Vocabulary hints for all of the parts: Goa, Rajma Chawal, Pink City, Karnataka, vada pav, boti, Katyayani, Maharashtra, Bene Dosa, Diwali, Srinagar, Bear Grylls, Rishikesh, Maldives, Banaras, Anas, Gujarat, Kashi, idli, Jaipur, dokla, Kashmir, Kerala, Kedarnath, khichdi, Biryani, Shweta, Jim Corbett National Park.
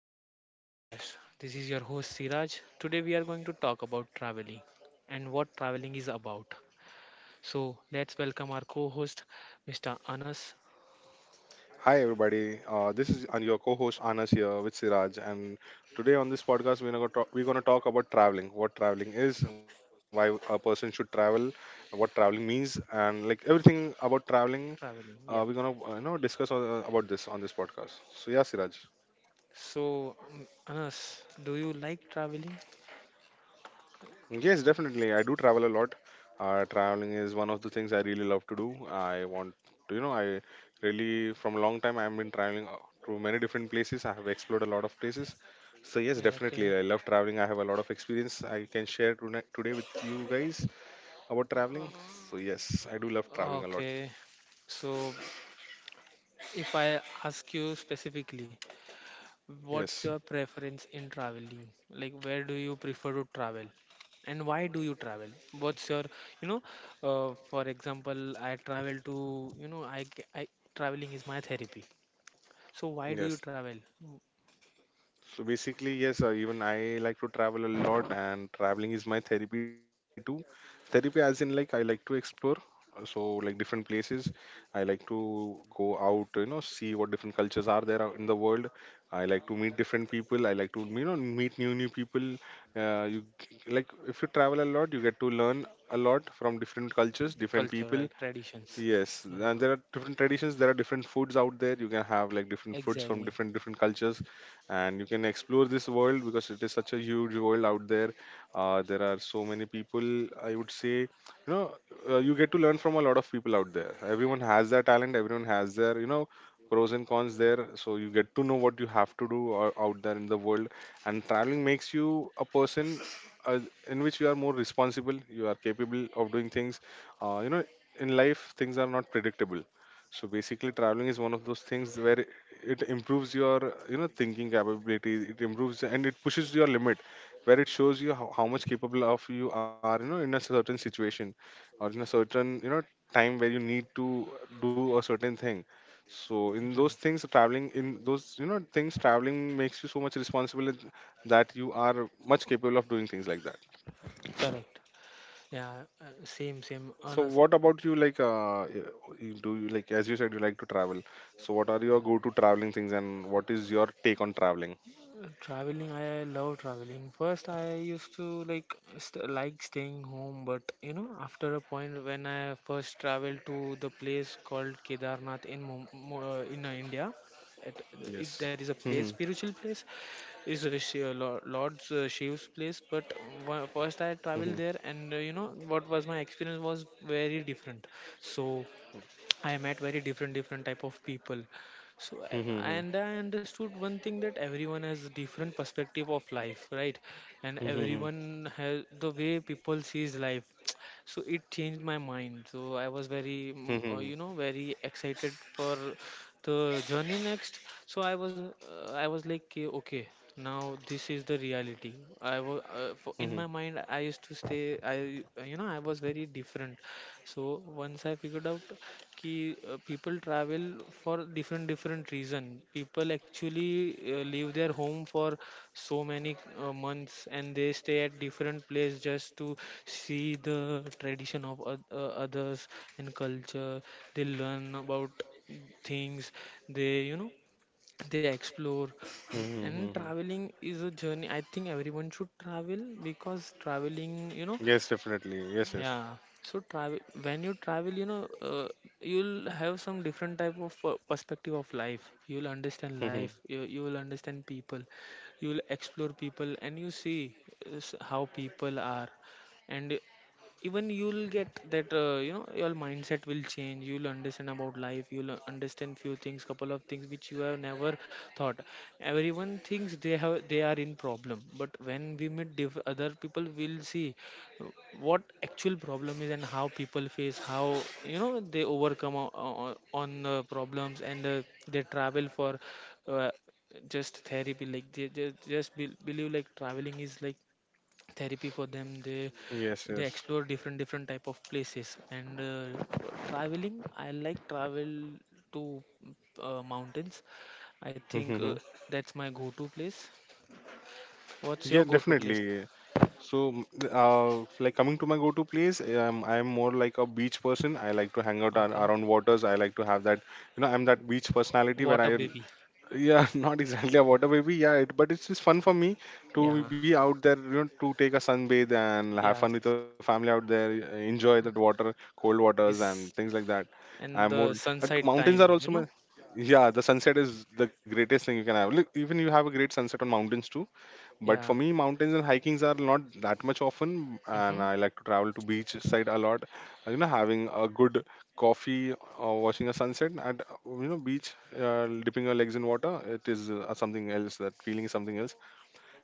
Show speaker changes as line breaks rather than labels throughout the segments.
welcome to the podcast. This is your host Siraj. Today we are going to talk about traveling and what traveling is about. So let's welcome our co-host Mr. Anas.
Hi everybody, this is your co-host Anas here with Siraj, and today on this podcast we're gonna talk about traveling, what traveling is, why a person should travel, what traveling means, and like everything about traveling.
Traveling.
We're
Yeah.
gonna you know discuss about this on this podcast. So yeah, Siraj.
So Anas, do you like traveling?
Yes, definitely. I do travel a lot. Traveling is one of the things I really love to do. I want, to- you know, I really, from a long time, I've been traveling to many different places. I have explored a lot of places. So, yes,
Yeah,
definitely.
okay.
I love traveling. I have a lot of experience I can share tonight, today with you guys about traveling. So, yes, I do love traveling a lot.
Okay. So if I ask you specifically, what's
Yes,
your preference in traveling? Like, where do you prefer to travel? And why do you travel? What's your, you know, for example, I travel to, traveling is my therapy. So why do you
yes.
travel? Mm.
So basically, yes, even I like to travel a lot, and traveling is my therapy too. Therapy, as in, like, I like to explore. uh, So, like, different places. I like to go out, you know, see what different cultures are there out in the world. I like to meet different people. I like to, you know, meet new people. Like, if you travel a lot, you get to learn a lot from different cultures, different
Culture,
people.
right? Traditions.
Yes,
Yeah,
and there are different traditions. There are different foods out there. You can have like different foods from
exactly.
different cultures, and you can explore this world because it is such a huge world out there. There are so many people, I would say, you know. You get to learn from a lot of people out there. Everyone has their talent. Everyone has their, you know, pros and cons there, so you get to know what you have to do out there in the world. And traveling makes you a person uh, in which you are more responsible, you are capable of doing things. You know, in life things are not predictable. So basically, traveling is one of those things where it improves your, you know, thinking capability. It improves and it pushes your limit, where it shows you how much capable of you are, you know, in a certain situation or in a certain, you know, time where you need to do a certain thing. So in those
Right.
things, traveling in those, you know, things, traveling makes you so much responsible in- that you are much capable of doing things like that.
Correct. Yeah, same, same.
So
Honest.
what about you, like you like, as you said, you like to travel. So what are your go-to traveling things, and what is your take on traveling?
Traveling, I love traveling. First, I used to like like staying home, but you know, after a point when I first traveled to the place called Kedarnath in India.
Yes.
There is a place,
Mhm.
spiritual place, is Lord Shiv's place. But first, I traveled
Mhm.
there, and you know what was my experience was very different. So I met very different different type of people. So I-
Mhm.
and I understood one thing, that everyone has a different perspective of life, right? And
Mhm.
everyone has the way people sees life. So it changed my mind. So I was very,
Mhm.
very excited for the journey next. So I was like, "Okay, okay, now this is the reality." I was
Mhm.
in my mind. I used to stay. I, I was very different. So once I figured out कि people travel for different different reason, people actually leave their home for so many months, and they stay at different place just to see the tradition of others and culture. They learn about things. They you know they explore. N-
Mhm.
and
Mhm.
Traveling is a journey. I think everyone should travel, because traveling,
Yes, definitely. Yes, yes.
yeah. So travel. When you travel, you'll have some different type of perspective of life. You'll understand
Mhm.
life. You will understand people. You will explore people, and you see how people are. And even you'll get that, your mindset will change. You'll understand about life. You'll understand few things, couple of things which you have never thought. Everyone thinks they are in problem, but when we meet other people, we'll see what actual problem is, and how people face, how they overcome o- o- on problems. And they travel for uh, just therapy. Like they just believe like traveling is like therapy for them. they
Yes,
they
yes.
explore different different type of places, and for traveling, I like travel to mountains. I think
Mhm.
that's my go to place. What's your
Yeah,
go to place?
definitely. So, like coming to my go-to place, I'm more like a beach person. I like to hang out
Okay.
around waters. I like to have that, you know, I'm that beach personality where
Water
I,
baby.
yeah. Not exactly a water baby, yeah, it, but it's just fun for me to
Yeah.
be out there, you know, to take a sunbathe and have
Yeah,
fun with the family out there, enjoy that water, cold waters, and things
is
like that. I'm
and
more,
the sunset
mountains are
time,
also
you
my,
know.
yeah, the sunset is the greatest thing you can have. Look, even you have a great sunset on mountains too, but for
Yeah.
me, mountains and hikings are not that much often, and
Mm-hmm.
I like to travel to beach side a lot. You know, having a good coffee or watching a sunset at, you know, beach, dipping your legs in water. It is something else. That feeling is something else.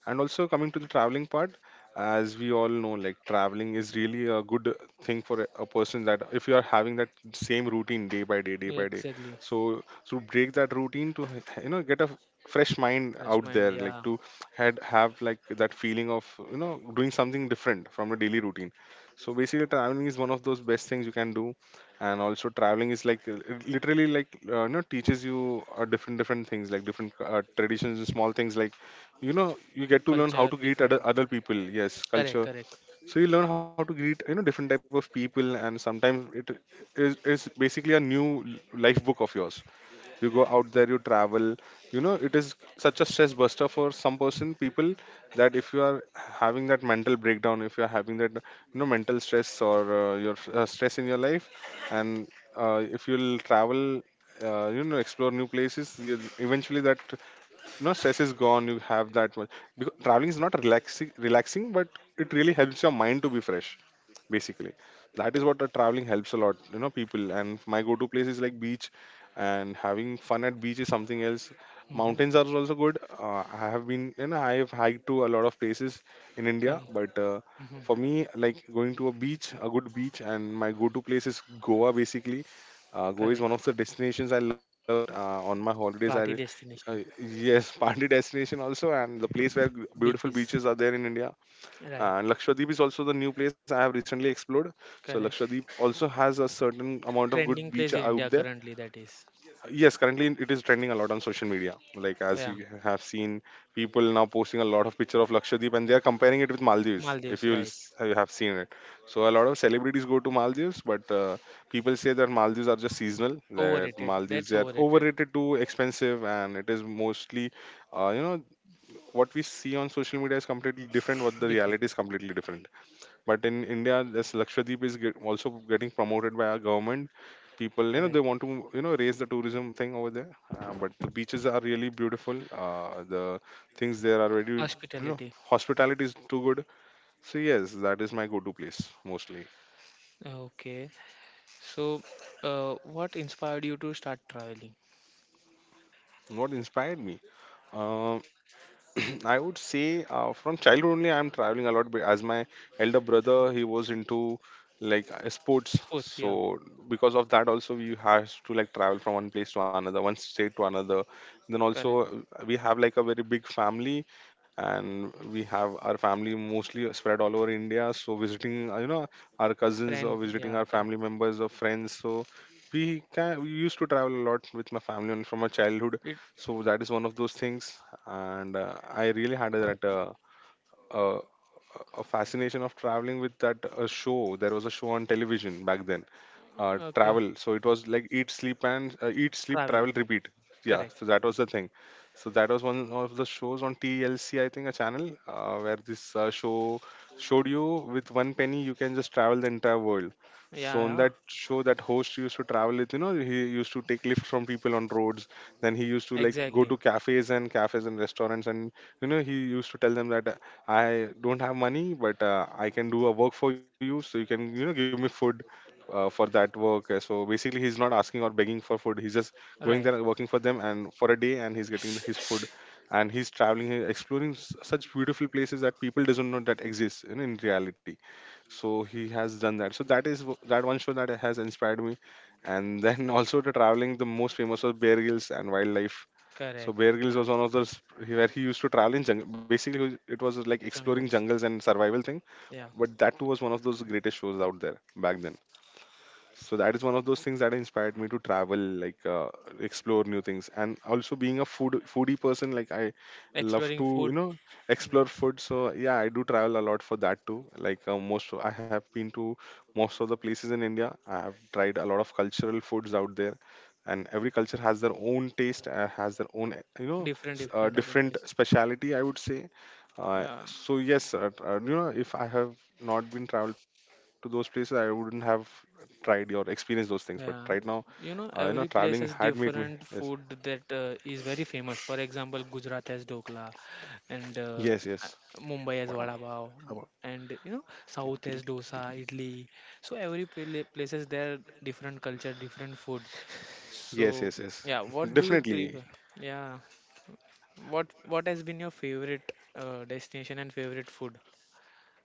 And also coming to the traveling part, as we all know, like traveling is really a good thing for a person. That if you are having that same routine, day by day, day
Yeah,
by day,
exactly.
so to break that routine, to, you know, get a fresh mind
Fresh
out
mind.
there,
Yeah.
like to had have like that feeling of, you know, doing something different from the daily routine. So basically traveling is one of those best things you can do. And also traveling is like, it literally like, you know, teaches you different different things, like different traditions and small things, like, you know, you get to learn how
Culture
to greet
different.
other people, yes,
Correct,
culture.
correct.
So you learn how to greet, you know, different type of people, and sometimes it is basically a new life book of yours. You go out there, you travel, you know, it is such a stress buster for some person, people, that if you are having that mental breakdown, if you are having that, you know, mental stress, or your stress in your life. And if you'll travel, you know, explore new places, you eventually that, you know, stress is gone. You have that much, because traveling is not relaxing, but it really helps your mind to be fresh, basically. That is what the traveling helps a lot, you know, people. And my go to place is like beach, and having fun at beach is something else.
Mm-hmm.
Mountains are also good. I have been, you know, I have hiked to a lot of places in
Correct.
India, but
Mm-hmm.
for me, like going to a beach, a good beach, and my go to place is Goa, basically. Goa is one of the
Correct.
destinations I love a lot. On my holidays,
Party
I,
destination.
yes, party destination also, and the place where beautiful
Beaches.
beaches are there in India.
Right.
And Lakshadweep is also the new place I have recently explored. So
Correct.
Lakshadweep also has a certain amount of good
Trending
beach
place in
out
India
there.
currently, that is.
Yes, currently it is trending a lot on social media. Like as
Yeah.
you have seen, people now posting a lot of picture of Lakshadweep, and they are comparing it with Maldives. If
Maldives,
you will,
right.
you have seen it, so a lot of celebrities go to Maldives, but people say that Maldives are just seasonal. That
Overrated,
Maldives
that's
they are
overrated.
overrated, too expensive, and it is mostly, you know, what we see on social media is completely different. What the
Different.
reality is completely different. But in India, this Lakshadweep also getting promoted by our government. People, you know,
Correct.
they want to, you know, raise the tourism thing over there. But the beaches are really beautiful. The things there are really, you know,
Hospitality.
hospitality is too good. So yes, that is my go-to place mostly.
Okay. So what inspired you to start traveling?
What inspired me? Um, I would say from childhood only, I'm traveling a lot. But as my elder brother, he was into like sports,
Of course, yeah,
so because of that, also we have to like travel from one place to another, one state to another. Then
correct.
also we have like a very big family, and we have our family mostly spread all over India. So visiting, you know, our cousins
Friend,
or visiting
yeah,
our
correct.
family members or friends. So we used to travel a lot with my family and from my childhood.
It.
So that is one of those things. And I really had that uh, a fascination of traveling with that show. There was a show on television back then,
Okay.
travel. So it was like eat, sleep, and eat, sleep,
Travel,
travel, repeat. Yeah,
correct.
so that was the thing. So that was one of the shows on TLC, I think, a channel where this show showed you with one penny you can just travel the entire world.
Yeah,
So on
yeah,
that show, that host used to travel with, you know, he used to take lift from people on roads. Then he used to like go
exactly.
to cafes and cafes and restaurants, and you know, he used to tell them that I don't have money, but I can do a work for you, so you can, you know, give me food for that work. So basically, he's not asking or begging for food. He's just going
Right,
there and working for them and for a day, and he's getting the, his food, and he's traveling, he exploring such beautiful places that people doesn't know that exists in reality. So he has done that. So that is that one show that has inspired me, and then also the traveling. The most famous was Bear Grylls and wildlife. So
correct.
Bear Grylls
Yeah,
was one of those where he used to travel in jungle. Basically, it was like exploring
jungles.
jungles and survival thing.
Yeah,
But that too was one of those greatest shows out there back then, so that is one of those things that inspired me to travel, like, explore new things. And also being a foodie person, like, I love
exploring
to you
food,
know
mm,
explore food. So yeah, I do travel a lot for that too. Like, most I have been to most of the places in India. I have tried a lot of cultural foods out there, and every culture has their own taste, has their own, you know,
different different type of
different
taste.
speciality, I would say.
Yeah.
So yes, you know, if I have not been traveled to those places, I wouldn't have tried or experienced those things. But right now,
Yeah,
you
you
know,
know, every
traveling had
place has
made me. Yes,
different food that is very famous. For example, Gujarat has dokla, and
yes, yes.
uh, Mumbai
What
has vada pav,
about
and you know,
Dil-
South
Dil-
has
Dil-
dosa,
Dil-
idli. So every place has their different culture, different food.
Yes, yes,
So
yes.
yeah, what do you
Definitely.
prefer? Yeah, what has been your favorite destination and favorite food?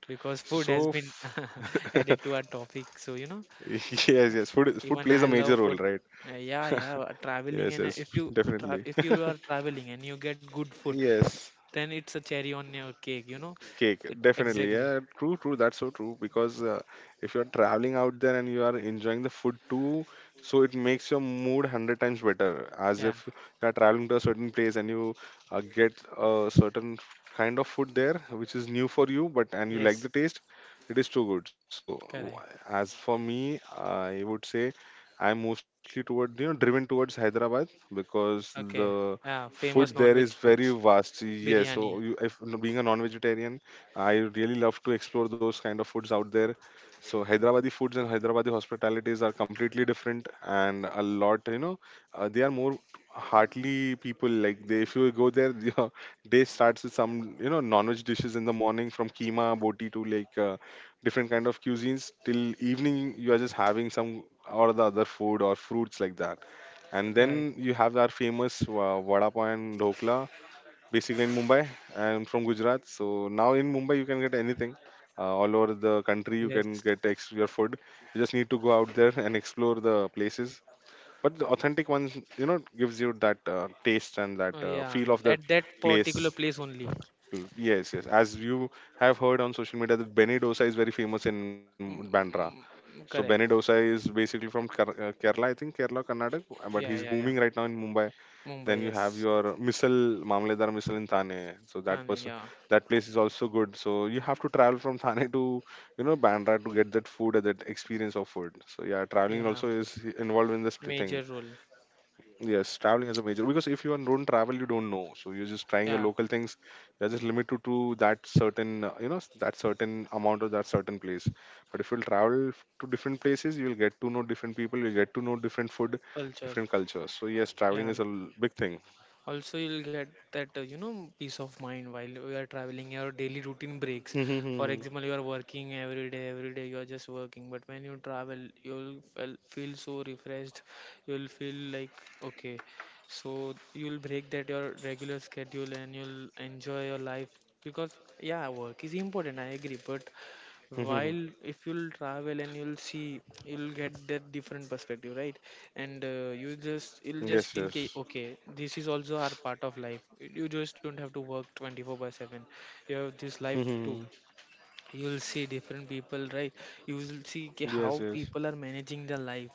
Because food has
So,
been added to our topic, so you know.
yes, yes. Food
Even
plays
I
a major
love
role,
food.
right?
Yeah, yeah. Traveling,
Yes,
and
yes.
if you tra
Definitely.
if you are traveling and you get good food,
Yes.
then it's a cherry on your cake, you know?
Cake,
It,
definitely.
exactly.
Yeah, true, true, that's so true, because if you're traveling out there and you are enjoying the food too, so it makes your mood 100 times better. As
Yeah.
if you're traveling to a certain place and you get a certain kind of food there which is new for you, but and you like the
Yes.
taste, it is too good. So
Correct.
as for me, I would say I'm mostly toward you know, driven towards Hyderabad because the
Okay. Yeah.
food
Famous
there
non-veg
is very
foods.
vast. Yes. So
Biryani.
if being a non-vegetarian, I really love to explore those kind of foods out there. So Hyderabadi foods and Hyderabadi hospitalities are completely different and a lot, you know, they are more heartily people. Like they, if you go there, your day starts with some, you know, non-veg dishes in the morning, from keema, boti, to like different kind of cuisines. Till evening you are just having some or the other food or fruits like that, and
Right.
then you have our famous vada pav and dhokla basically in Mumbai. I'm from Gujarat, so now in Mumbai you can get anything. All over the country you
Yes.
can get your food. You just need to go out there and explore the places. But the authentic ones, you know, gives you that taste and that
Oh,
feel
yeah.
of that
At that
place.
particular place only.
Yes, yes. As you have heard on social media, that Bene Dosa is very famous in
Mm,
Bandra.
mm,
So Bene
mm,
Dosa
correct.
is basically from Kerala, I think Kerala, Karnataka, but he's
Yeah, yeah,
booming
yeah.
right now in Mumbai. Then you
Mumbai,
have
yes.
your missile, Mamledar missile in Thane. So that
Thane,
person,
yeah.
that place is also good. So you have to travel from Thane to, you know, Bandra to get that food, that experience of food. So yeah, traveling
Yeah.
also is involved in this thing.
Major role.
Yes, traveling is a major, because if you don't travel, you don't know. So you're just trying your
Yeah.
local things. You're just limited to that certain, you know, that certain amount or that certain place. But if you'll travel to different places, you'll get to know different people. You'll get to know different food,
Culture.
different cultures. So yes, traveling
Yeah.
is a big thing.
Also you'll get that, peace of mind while you are traveling. Your daily routine breaks. For
Hmm.
example, you are working every day every day, you are just working, but when you travel, you'll feel so refreshed. You'll feel like, okay, so you'll break that your regular schedule and you'll enjoy your life. Because yeah, work is important, I agree, but
Hmm.
while if you'll travel and you'll see, you'll get that different perspective, right? And you just,
Yes,
you'll just feel
yes.
ki, okay, this is also our part of life. You just don't have to work 24 by 7. You have this life
Hmm.
too. You'll see different people, right? You will see ki
Yes,
how
yes.
people are managing their life,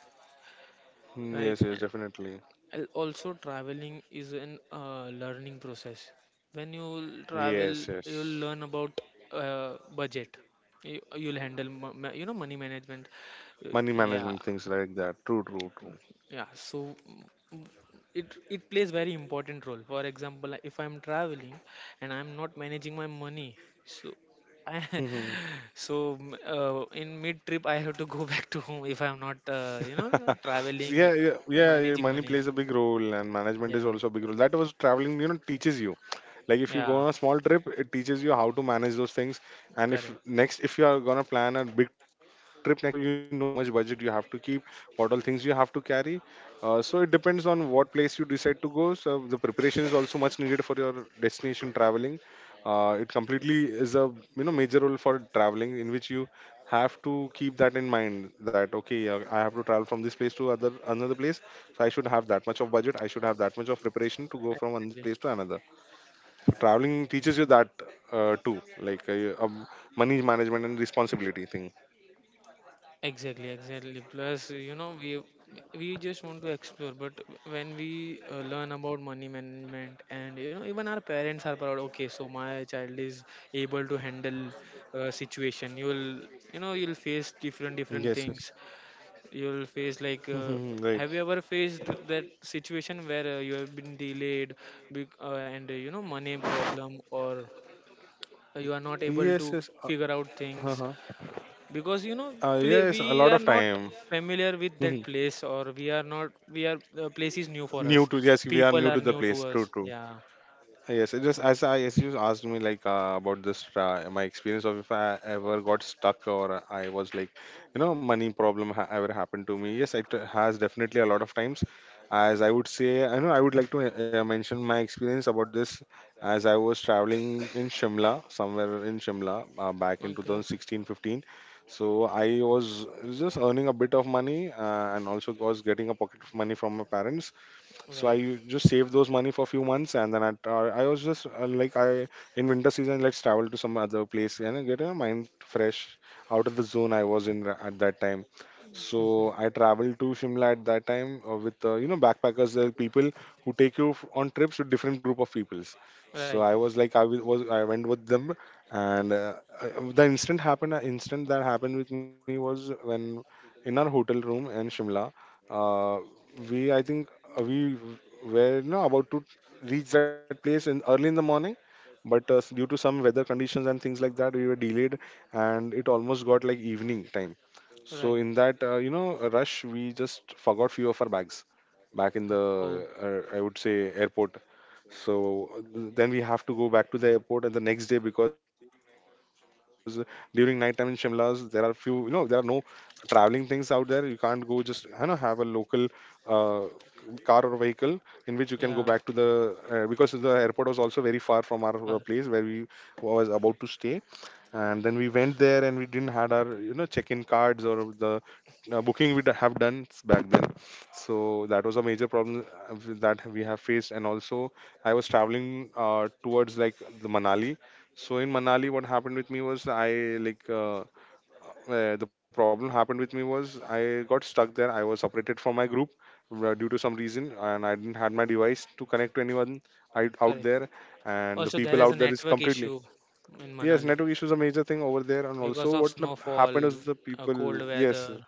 Yes,
right?
yes, definitely.
Also traveling is an learning process. When you travel,
Yes,
you'll
yes.
learn about budget. You'll handle money management. Uh,
Money
yeah,
management, things like that. True, true, true.
yeah, so mm, mm, it plays very important role. For example, like, if I'm traveling and I'm not managing my money, so I,
Mhm.
so in mid trip I have to go back to home if I'm not,
So,
traveling.
yeah, yeah, yeah, yeah,
Managing
money
money.
plays a big role and management is
Yeah,
also a big role. That was traveling, you know, teaches you. Like if you
yeah.
go on a small trip, it teaches you how to manage those things. And
Correct.
if you are gonna plan a big trip next time, so you know how much budget you have to keep, what all things you have to carry. So it depends on what place you decide to go, so the preparation is also much needed for your destination traveling. It completely is a, you know, major role for traveling, in which you have to keep that in mind that, okay, I have to travel from this place to other another place. So I should have that much of budget, I should have that much of preparation to go from one
Exactly.
place to another. Traveling teaches you that too, like, money management and responsibility thing.
Exactly. Exactly. Plus, you know, we just want to explore, but when we learn about money management, and you know, even our parents are proud. Okay, so my child is able to handle situation. You'll you know you'll face different
Yes, yes.
different things. You'll face like.
Hmm. Right.
Have you ever faced that situation where you have been delayed, and you know money problem, or you are not able to
Yes, yes.
figure out things?
Uh-huh.
Because you know
Yes, a
we
lot
are
of
not
time.
familiar with
Hmm.
that place, or we are not we are the place is new for
new
us,
to Yes, we are
people
new
are
to the
new to
place.
us.
True, true.
Yeah.
Yes, it just, as I as you asked me, like about this, my experience of if I ever got stuck or I was like, you know, money problem ever happened to me. Yes, it has definitely a lot of times. As I would say, I know, I would like to mention my experience about this. As I was traveling in Shimla, somewhere in Shimla, back in
Okay.
2016-15. So I was just earning a bit of money, and also was getting a pocket of money from my parents. So I
Right.
just saved those money for a few months, and then I was just like, I, in winter season, let's travel to some other place and get a mind fresh out of the zone I was in at that time.
Mhm.
So I traveled to Shimla at that time, with you know, backpackers. There are people who take you on trips with different group of peoples. So
Right,
I was like I w- was I went with them. And the instant that happened with me was when, in our hotel room in Shimla, uh, we, I think, we were no about to reach that place in early in the morning. But due to some weather conditions and things like that, we were delayed, and it almost got like evening time. So
right.
in that, you know, rush, we just forgot few of our bags back in the,
Oh,
I would say, airport. So then we have to go back to the airport and the next day, because during night time in Shimla's, there are few, you know, there are no traveling things out there. You can't go just, you know, have a local, uh, car or vehicle in which you can go back to
yeah.
the, because the airport was also very far from our,
Cor-
place where we was about to stay. And then we went there, and we didn't had our, you know, check-in cards or the booking we have done back then. So that was a major problem, that we have faced. And also I was traveling, towards like the Manali. So in Manali, what happened with me was I like the problem happened with me was, I got stuck there. I was separated from my group, due to some reason, and I didn't had my device to connect to anyone out
Correct.
there. And the
Also there
people
is a
out there is
network issue
completely.
in
Yes,
Manali
network issue is a major thing over there. And also,
because of
what
snowfall,
happened is the people,
cold
yes,
weather.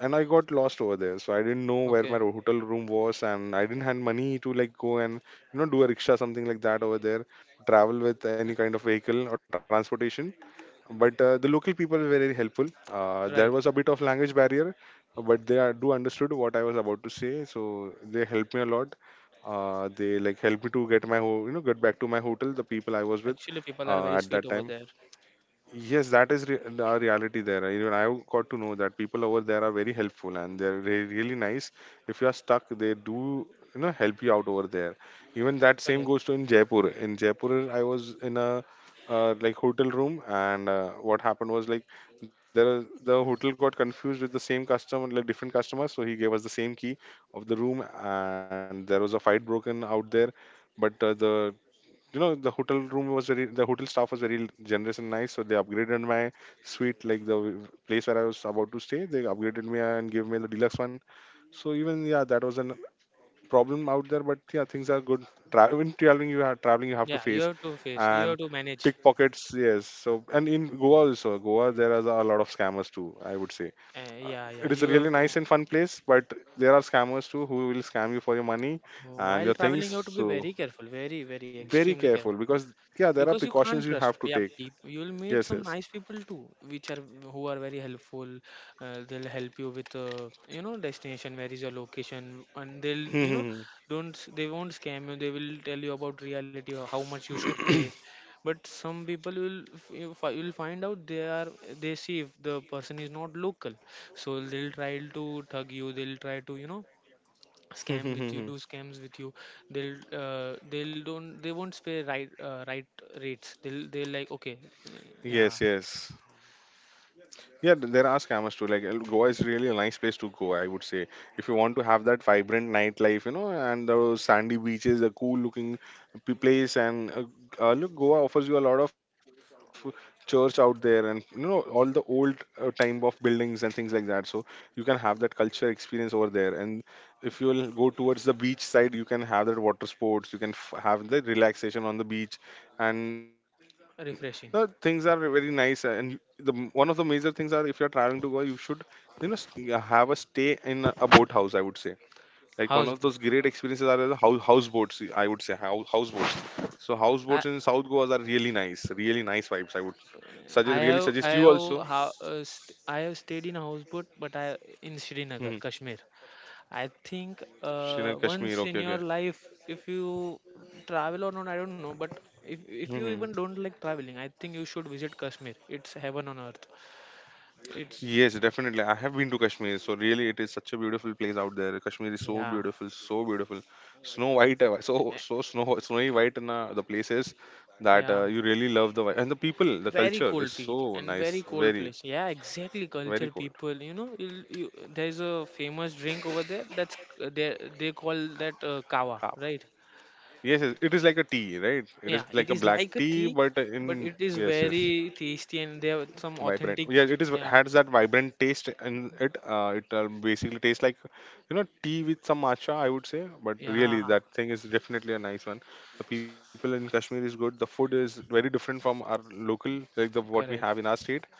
and I got lost over there. So I didn't know where
Okay.
my hotel room was, and I didn't have money to like go and, you know, do a rickshaw something like that over there, travel with any kind of vehicle or transportation. But the local people were very helpful. There
Right.
was a bit of language barrier, but they are, do understood what I was about to say, so they helped me a lot. They like helped me to get my you know, get back to my hotel, the people I was with
Actually people are very
at
sweet
that
over
time.
there.
Yes, that is our reality there, right? Even I've got to know that people over there are very helpful, and they're really nice. If you are stuck, they do, you know, help you out over there. Even that same
Correct.
goes to in Jaipur. In Jaipur, I was in a, like, hotel room, and what happened was like, there the hotel got confused with the same customer, like different customer. So he gave us the same key of the room, and there was a fight broken out there. But the, you know, the hotel room was a real, the hotel staff was very generous and nice, so they upgraded my suite, like the place where I was about to stay, they upgraded me and gave me the deluxe one. So even, yeah, that was a problem out there, but yeah, things are good. Even traveling you have
Yeah,
to
you
face
have to face. You have
and
to manage.
pickpockets, yes. So and in Goa also, Goa, there are a lot of scammers too, I would say.
Yeah, yeah,
It is a
you
really
have to.
nice and fun place, but there are scammers too who will scam you for your money and
While
your things,
traveling, you have to be
so
very careful, very, very
very
extremely
careful,
careful,
because yeah, there are
because you can't
precautions you
trust.
have to
Yeah,
take.
people, you'll meet
Yes,
some
yes.
nice people too, which are who are very helpful. They'll help you with you know destination, where is your location, and they'll you know don't s- they won't scam you. They will tell you about reality, or how much you should pay. But some people will you'll find out they are, they see if the person is not local, so they'll try to thug you. They'll try to, you know, scam with you, do scams with you. They'll don't, they won't pay right. Right rates, they'll like, okay.
Yes,
Yeah.
yes. Yeah, there are scammers too. Like Goa is really a nice place to go, I would say. If you want to have that vibrant nightlife, you know, and the sandy beaches, a cool looking place, and look, Goa offers you a lot of church out there, and you know all the old time of buildings and things like that. So you can have that culture experience over there. And if you'll go towards the beach side, you can have that water sports. You can have the relaxation on the beach, and the things are very
Refreshing.
nice. And one of the major things are if you're traveling to Goa, you should yeah, have a stay in a boathouse. I would say like one of those
House.
great experiences are the houseboats. I would say houseboats. So houseboats
I
in South Goa are really nice vibes. I would suggest really
have i
suggest you
have
also.
how uh, st- i have stayed in a houseboat, but I, in
Hmm.
Srinagar, Kashmir. I think,
Srinagar Kashmir.
once
Okay,
in your
okay.
life, if you travel or not, I don't know, but if
Hmm,
you
hmm.
even don't like traveling, I think you should visit Kashmir. It's heaven on earth. It's.
Yes, definitely. I have been to Kashmir, so really it is such a beautiful place out there. Kashmir is
Yeah,
so beautiful, snow white, snowy white, and the places that
yeah.
you really love and the people, the
Very
culture is
cold
so
beach and
nice.
very cold
Very
place. Yeah, exactly.
very
Culture,
cold.
people, you know. There's a famous drink over there. That's they call that kava,
Ah,
right?
yes, yes, it is like a tea, right? It
Yeah,
is like a
it is
black
like a
tea,
tea,
but in
but it is
yes, yes,
very tasty, and they have some
vibrant.
authentic.
Yeah, it is
Yeah,
has that vibrant taste in it. It basically tastes like, you know, tea with some matcha, I would say. But really
yeah.
that thing is definitely a nice one. The people in Kashmir is good. The food is very different from our local, like the what we
Correct.
have in our state.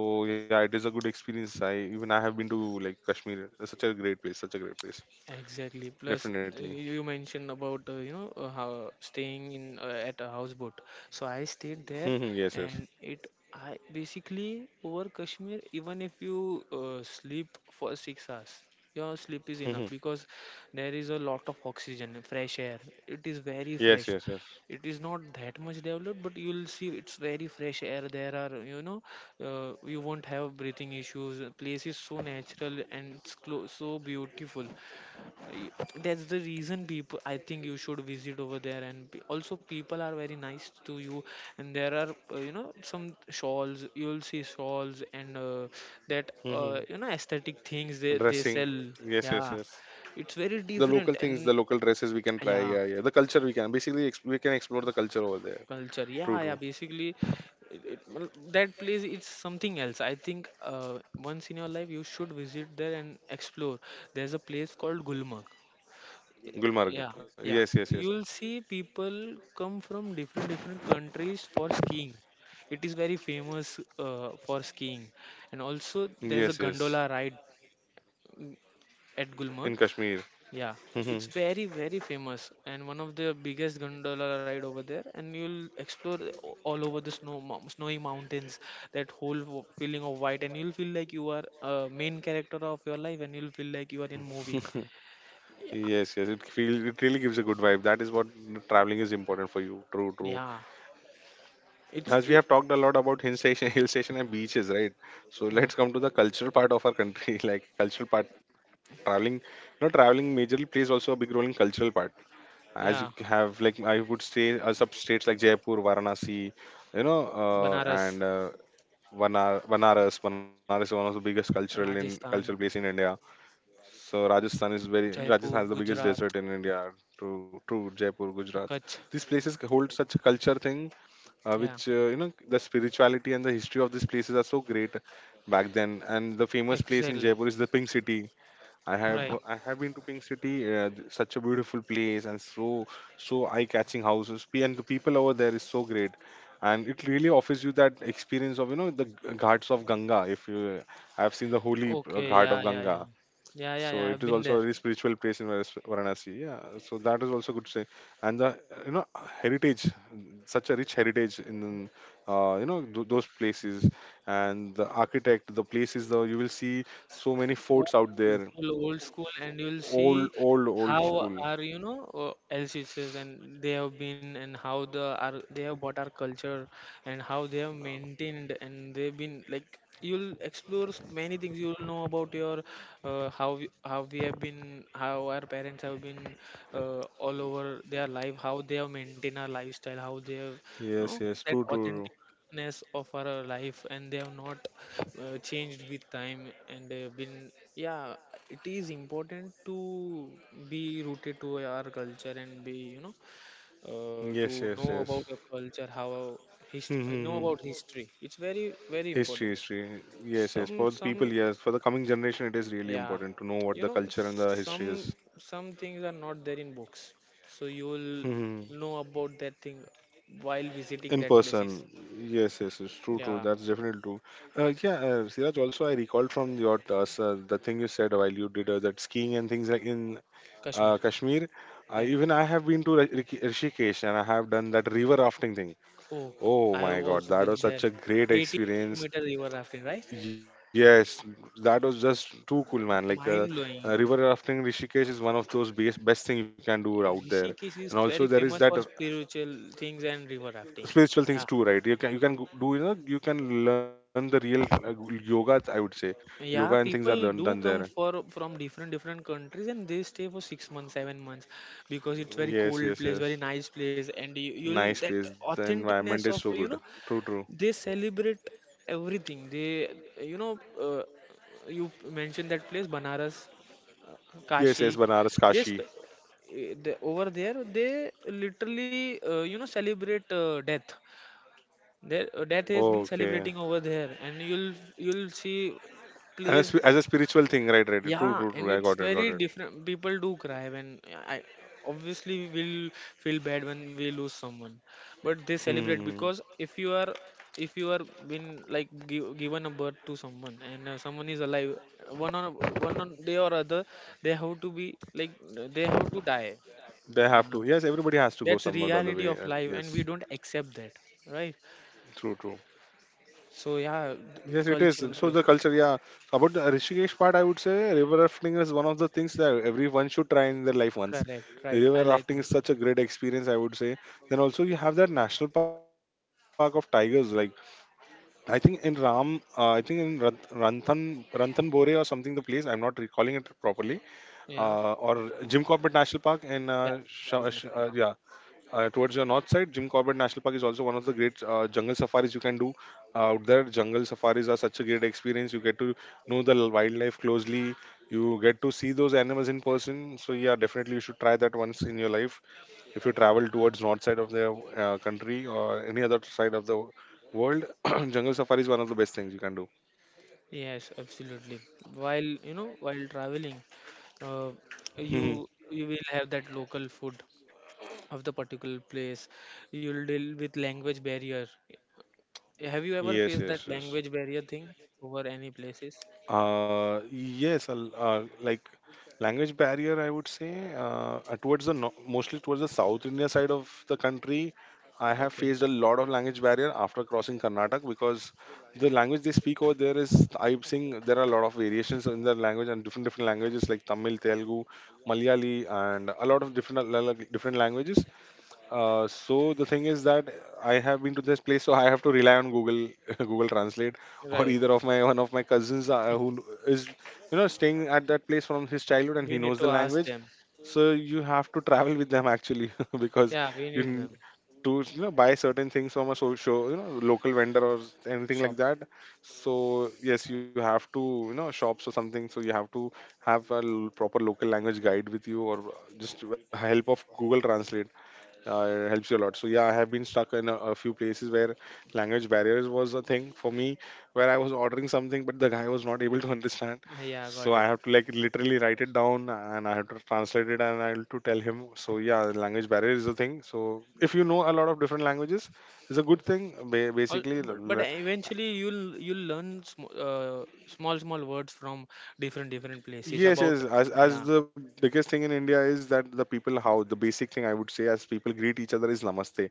So yeah, it is a good experience. I have been to like Kashmir. It's such a great place,
Exactly. Plus,
definitely.
you mentioned about how staying in at a houseboat. So I stayed there,
yes, yes, yes.
and it I basically over Kashmir. Even if you sleep for 6 hours, your sleep is enough
Mhm.
because there is a lot of oxygen, and fresh air. It is very fresh.
Yes, yes, yes.
It is not that much developed, but you'll see it's very fresh air. There are, you won't have breathing issues. The place is so natural and so beautiful. I- that's the reason, people, I think you should visit over there. And also people are very nice to you, and there are you know, some shawls. You'll see shawls and that
Mhm.
you know, aesthetic things they,
Dressing.
they sell.
Yes, yes, yes.
Yeah, it's very
The local
different.
things, the
And
local dresses we can try.
yeah,
Yeah, yeah, the culture we can we can explore the culture over there.
culture, yeah, yeah,
True, true.
basically that place, it's something else. I think once in your life you should visit there and explore. There's a place called Gulmarg. Yeah,
Gulmarg.
yeah.
Yes, yes, yes,
You'll see people come from different different countries for skiing. It is very famous for skiing. And also there's
yes,
a
yes.
gondola ride, mm, at
In
Gulmarg.
Kashmir.
Yeah, it's
Mhm.
very very famous, and one of the biggest gondola ride over there. And you'll explore all over the snow snowy mountains. That whole feeling of white, and you'll feel like you are a main character of your life, and you'll feel like you are in movie.
yes, yes, it feels, it really gives a good vibe. That is what traveling is important for you. True, true.
Yeah, it's
As we
it,
have talked a lot about hill station, hill station and beaches, right? So
yeah,
let's come to the cultural part of our country. like cultural part, traveling, you know, traveling majorly plays also a big role in cultural part, as you
yeah.
have, like, I would say, sub states like Jaipur, Varanasi, you know,
Banaras,
and Vanar- Banaras. Banaras is one of the biggest cultural
Rajasthan,
place in India. So Rajasthan is very,
Jaipur,
Rajasthan has the biggest
Gujarat,
desert in India. True, true. Jaipur, Gujarat.
Kutch.
These places hold such a culture thing,
Yeah,
which you know, the spirituality and the history of these places are so great back then. And the famous place in
exactly.
Jaipur is the Pink City.
Right.
I have been to Pink City, such a beautiful place and so so eye-catching houses. And the people over there is so great, and it really offers you that experience of, you know, ghats of Ganga. If you, I have seen the holy
Okay.
ghat
Yeah,
of
yeah,
Ganga,
yeah. Yeah, yeah,
so
yeah,
it
I've
is
been
also a
there.
very spiritual place in Varas- Varanasi. Yeah, so that is also good to say. And the, you know, heritage, such a rich heritage in, you know, those places, and the architect, the places though, you will see so many forts
Old
out
school,
there.
full old school, and you'll
Old,
see
old
how
school.
our, you know, ancestors and they have been, and how the our they have bought our culture, and how they have maintained, and they've been like. You'll explore many things. You'll know about your how we have been, how our parents have been, all over their life, how they have maintained our lifestyle, how they have, you
Yes,
know,
yes.
that
True, true,
authentic uniqueness of our life, and they have not changed with time and they have been. Yeah, it is important to be rooted to our culture and be, you know,
true.
to
Yes,
know
yes,
about
yes.
your culture, how hist-
Hmm, hmm,
know
hmm.
about history. It's very very
History,
important.
history. Yes, yes.
some
For the
some
people, yes. For the coming generation, it is really
yeah,
important to know what
you
the
know,
culture and the history is.
some things are not there in books, so you will
Hmm.
know about that thing while visiting
In
that places.
person, yes, yes, it's true, true.
Yeah,
That's definitely true. Yeah, Siraj. Also, I recalled from your sir, the thing you said while you did that skiing and things like in
Kashmir.
Kashmir.
Bye.
Even I have been to Rishikesh and I have done that river rafting thing.
Oh, I've
Oh my
also
god,
been
that
there.
was such a great
18-kilometer
experience.
river rafting, right?
Yes, that was just too cool, man. Like
Mind blowing.
river rafting in Rishikesh is one of those best thing you can do out there.
Rishikesh is
And also
very
there is
famous
that
for spiritual things and river rafting.
spiritual
Yeah.
things too, right? You can go- do you know you can learn the real yoga. I would say yoga and
Yeah,
things are
people
done
do
there.
come for from different different countries and they stay for 6 months, 7 months, because it's very
Yes,
cold
yes,
place,
yes.
very nice place. And you, you'll
Nice
that
place. The
authenticness
environment
of,
is so
you know,
good. True, true.
they celebrate everything. They, you know, you mentioned that place, Banaras,
Yes, yes.
Kashi.
Banaras,
They
Kashi.
sp- eh, the, over there they literally you know, celebrate death. Their death has been
Okay.
celebrating over there, and you'll see
And,
place.
as a spiritual thing, right? Right. True,
Yeah,
true,
and
true. I
it's
got it.
very
Got it.
different. People do cry when I obviously will feel bad when we lose someone, but they celebrate because
Hmm.
if you are, if you are, been like give, given a birth to someone, and someone is alive, one on, one on day or other, they have to be like, they have to die.
They
Yeah,
have to. Yes, everybody has to go
that's
some or the
reality
other
of
way. And
life, and we
yes,
don't accept that, right?
true, true.
So yeah,
Yes, it is.
cultural
So the
place.
culture, yeah. About the Rishikesh part, I would say river rafting is one of the things that everyone should try in their life once.
Correct, right, I
River
like
rafting is
it.
such a great experience, I would say. Then also you have that national park of tigers. Like I think in Ram, I think in Ranthanbore or something. The place I'm not recalling it properly.
Yeah,
Or Jim Corbett National Park in yeah,
yeah.
towards your north side, Jim Corbett National Park is also one of the great jungle safaris you can do out there. Jungle safaris are such a great experience. You get to know wildlife closely. You get to see those animals in person. So yeah, definitely you should try that once in your life if you travel towards north side of the country or any other side of the world. Jungle safari is one of the best things you can do.
Yes, absolutely. While, you know, while traveling, uh,
Hmm.
you you will have that local food of the particular place. You'll deal with language barrier. Have you ever
Yes,
faced that
yes, yes.
language barrier thing over any places?
Yes, like language barrier, I would say, towards the no, mostly towards the South India side of the country, I have
Okay,
faced a lot of language barrier after crossing Karnataka, because the language they speak over there is, I'm seeing there are a lot of variations in their language and different different languages like Tamil, Telugu, Malayali, and a lot of different different languages. So the thing is that I have been to this place, so I have to rely on Google, Google Translate, or
right.
either of my one of my cousins who is, you know, staying at that place from his childhood and
We
he
need
knows the
to ask
language.
them.
So you have to travel with them actually, because
Yeah, we
you
need them.
to, you know, buy certain things from a so show you know, local vendor or anything
Shop.
like that. So yes, you have to, you know, shops or something. So you have to have a proper local language guide with you, or just help of Google Translate, it helps you a lot. So yeah, I have been stuck in a few places where language barriers was a thing for me, where I was ordering something but the guy was not able to understand.
Yeah,
So
got
I
it.
have to like literally write it down and I have to translate it and I have to tell him. So yeah, language barrier is a thing. So if you know a lot of different languages, it's a good thing.
All, but eventually you'll learn sm small small words from different different places
Yes,
about.
yes. As
Yeah,
the biggest thing in India is that the people, how the basic thing I would say, as people greet each other is namaste,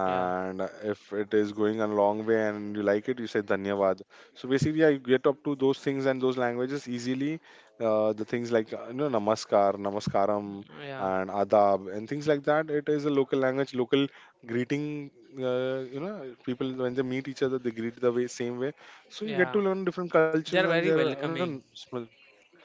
yeah,
if it is going a long way and you like it, you say dhanyawad. So basically, yeah, you get up to those things and those languages easily. Uh, the things like, you know, namaskar, namaskaram,
yeah.
and adab and things like that. It is a local language, local greeting, you know, people when they meet each other, they greet the way same way. So you get to
Yeah,
learn different cultures
they are
and
very
their, you know,
welcoming.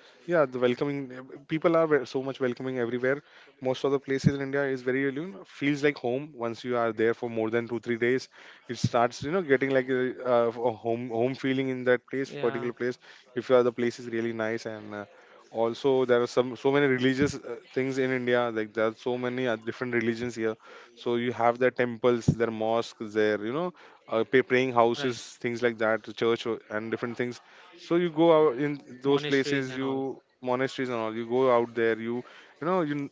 yeah, the welcoming, people are so much welcoming everywhere. Most of the places in India is very, you know, feels like home once you are there for more than two three days. It starts, you know, getting like a home feeling in that place
Yeah,
particular place. If you are, the place is really nice, and also there are some so many religious things in India, like there are so many different religions here. So you have their temples, their mosques, their, you know, praying
right.
houses, things like that, church and different things. So you go out in those
Monasteries
places,
and all.
you monasteries and all. You go out there, you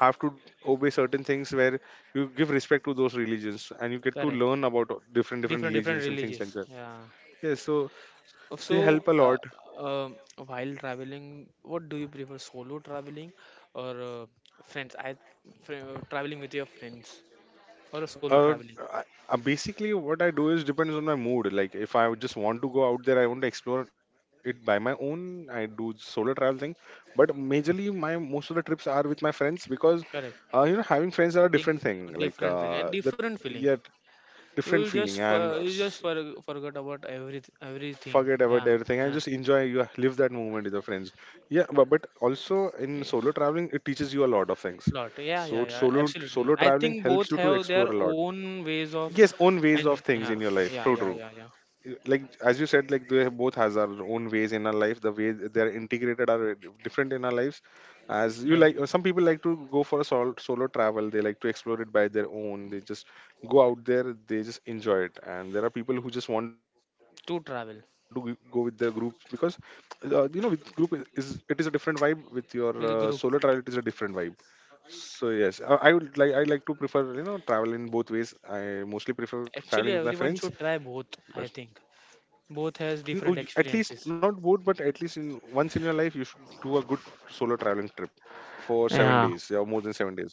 have to obey certain things where you give respect to those religions, and you get to
Correct.
learn about different different
Different different
religions and things like
religions.
that.
Yeah.
Yes, so they
So,
help a lot.
um, while traveling, what do you prefer, solo traveling or friends? Traveling with your friends, or a solo
Uh,
traveling?
basically, what I do is depends on my mood. Like, if I would just want to go out there, I want to explore it by my own. I do solo travel thing, but majorly my most of the trips are with my friends because,
Correct.
having friends are a
I
different
think
thing.
different feeling, a different feeling.
Yeah,
You
different
will just
feeling and
you just forget about everything.
forget about
Yeah,
everything and just enjoy. You live that moment with your friends. Yeah, but also in
yeah.
solo traveling, it teaches you a lot of things.
Lot. Yeah, yeah,
So
yeah.
solo
Absolutely.
solo
I
traveling
think
helps
both
you to
have their
explore a lot.
own ways of,
Yes, own ways of
and
things
yeah,
in your life.
yeah,
True,
yeah,
true.
yeah, yeah.
Like as you said, like they both has our own ways in our life. The way they are integrated are different in our lives. As you
Right.
like, some people like to go for a solo travel, they like to explore it by their own, they just go out there, they just enjoy it. And there are people who just want to go with their
To
group
travel
because you know, with group it is a different vibe. With your solo travel, it
with a
is a
group.
different vibe. So yes, I would like, I like to prefer, you know, travel in both ways. I mostly prefer traveling with
Actually,
my
everyone
friends,
should try both.
but
I think both has
you know,
different
at least
experiences.
not both, but at least in once in your life you should do a good solo traveling trip for seven
Yeah.
days or more than 7 days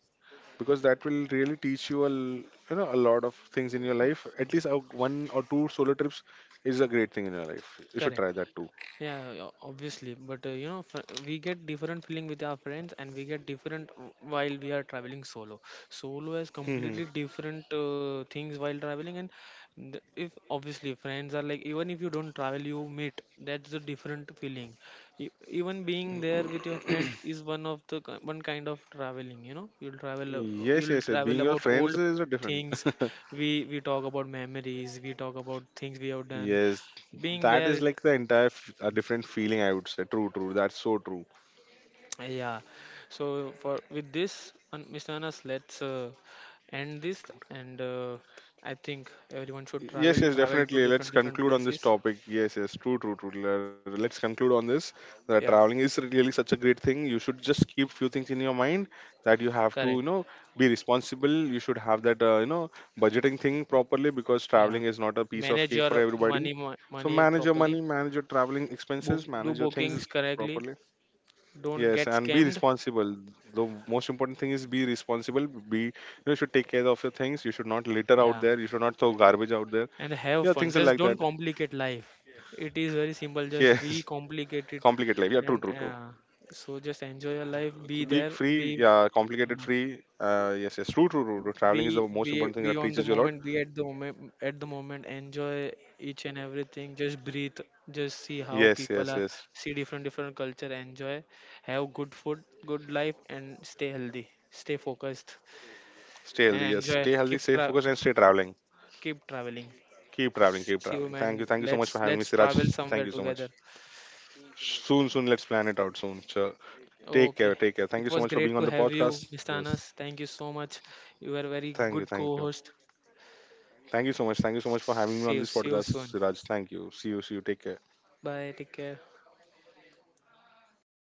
because that will really teach you a you know a lot of things in your life. At least a, one or two solo trips is a great thing in your life. You should
Correct.
try that too.
Yeah, yeah, obviously. But you know, we get different feeling with our friends, and we get different while we are traveling solo. Solo has
Mhm.
completely different things while traveling, and if obviously friends are like, even if you don't travel, you meet, that's a different feeling. Even being there with your friend is one of the one kind of traveling. You know,
Yes,
you'll
yes, yes. Being
travel
your
about
friends
old
is a different.
things. We talk about memories. We talk about things we have done
Yes,
being
that
there.
is like the entire a different feeling, I would say. True, true. That's so true.
Yeah. So for with this, Miss Anas, let's end this. And I think everyone should
Yes,
travel,
yes,
travel to
definitely. Let's
different different
conclude on this
places.
topic. Yes, yes, true, true, true. Let's conclude on this. That traveling
Yeah,
is really such a great thing. You should just keep few things in your mind that you have to, you
correct.
know, be responsible. You should have that, you know, budgeting thing properly because
Yeah,
traveling is not a piece of
manage
cake for
your
everybody.
money
So
money
manage your money,
properly.
manage your traveling
Book,
expenses,
do
manage your things
bookings correctly.
properly.
Don't
Yes,
get
and be
scammed.
responsible. The most important thing is be responsible. Be you know, you should take care of your things. You should not litter
Yeah,
out there. You should not throw garbage out there.
and have
Yeah,
fun.
things are
Just
like
don't
that.
complicate life.
Yes,
It is very simple, just we
complicate life. Yeah,
complicate
true,
it.
true, true.
And so just enjoy your
Be
life. Be
free.
there.
Yeah,
Be.
complicated free.
Yeah.
Yes, yes, true, true, true, true. Traveling is the
be
most
be
important thing that
be
teaches
on
you
the
a lot.
moment, be at the moment, at the moment. Enjoy each and everything, just breathe, just see how
Yes,
people
yes,
are,
yes.
see different different culture, enjoy, have good food, good life, and stay healthy, stay focused,
Stay healthy. Yes, stay
and
healthy, stay
enjoy. Keep
focused, and stay
tra
traveling.
keep traveling.
Keep traveling, keep traveling.
See you, man.
Thank you so much for
let's
having me,
let's
Siraj.
travel
Thank you
somewhere
so much.
together.
Soon, soon, let's plan it out soon. Sure. Take care.
Okay,
Take care. Thank you so
it
much
was
for being
great
on the
to have you,
podcast.
Mr.
Yes.
Anas. Thank you so much. You were a very
Thank you.
good
Thank you.
co-host.
Thank you so much. Thank you so much for having me
See
on
you,
this
see you
podcast,
soon.
Siraj. Thank you. See you. See you. Take care.
Bye, take care.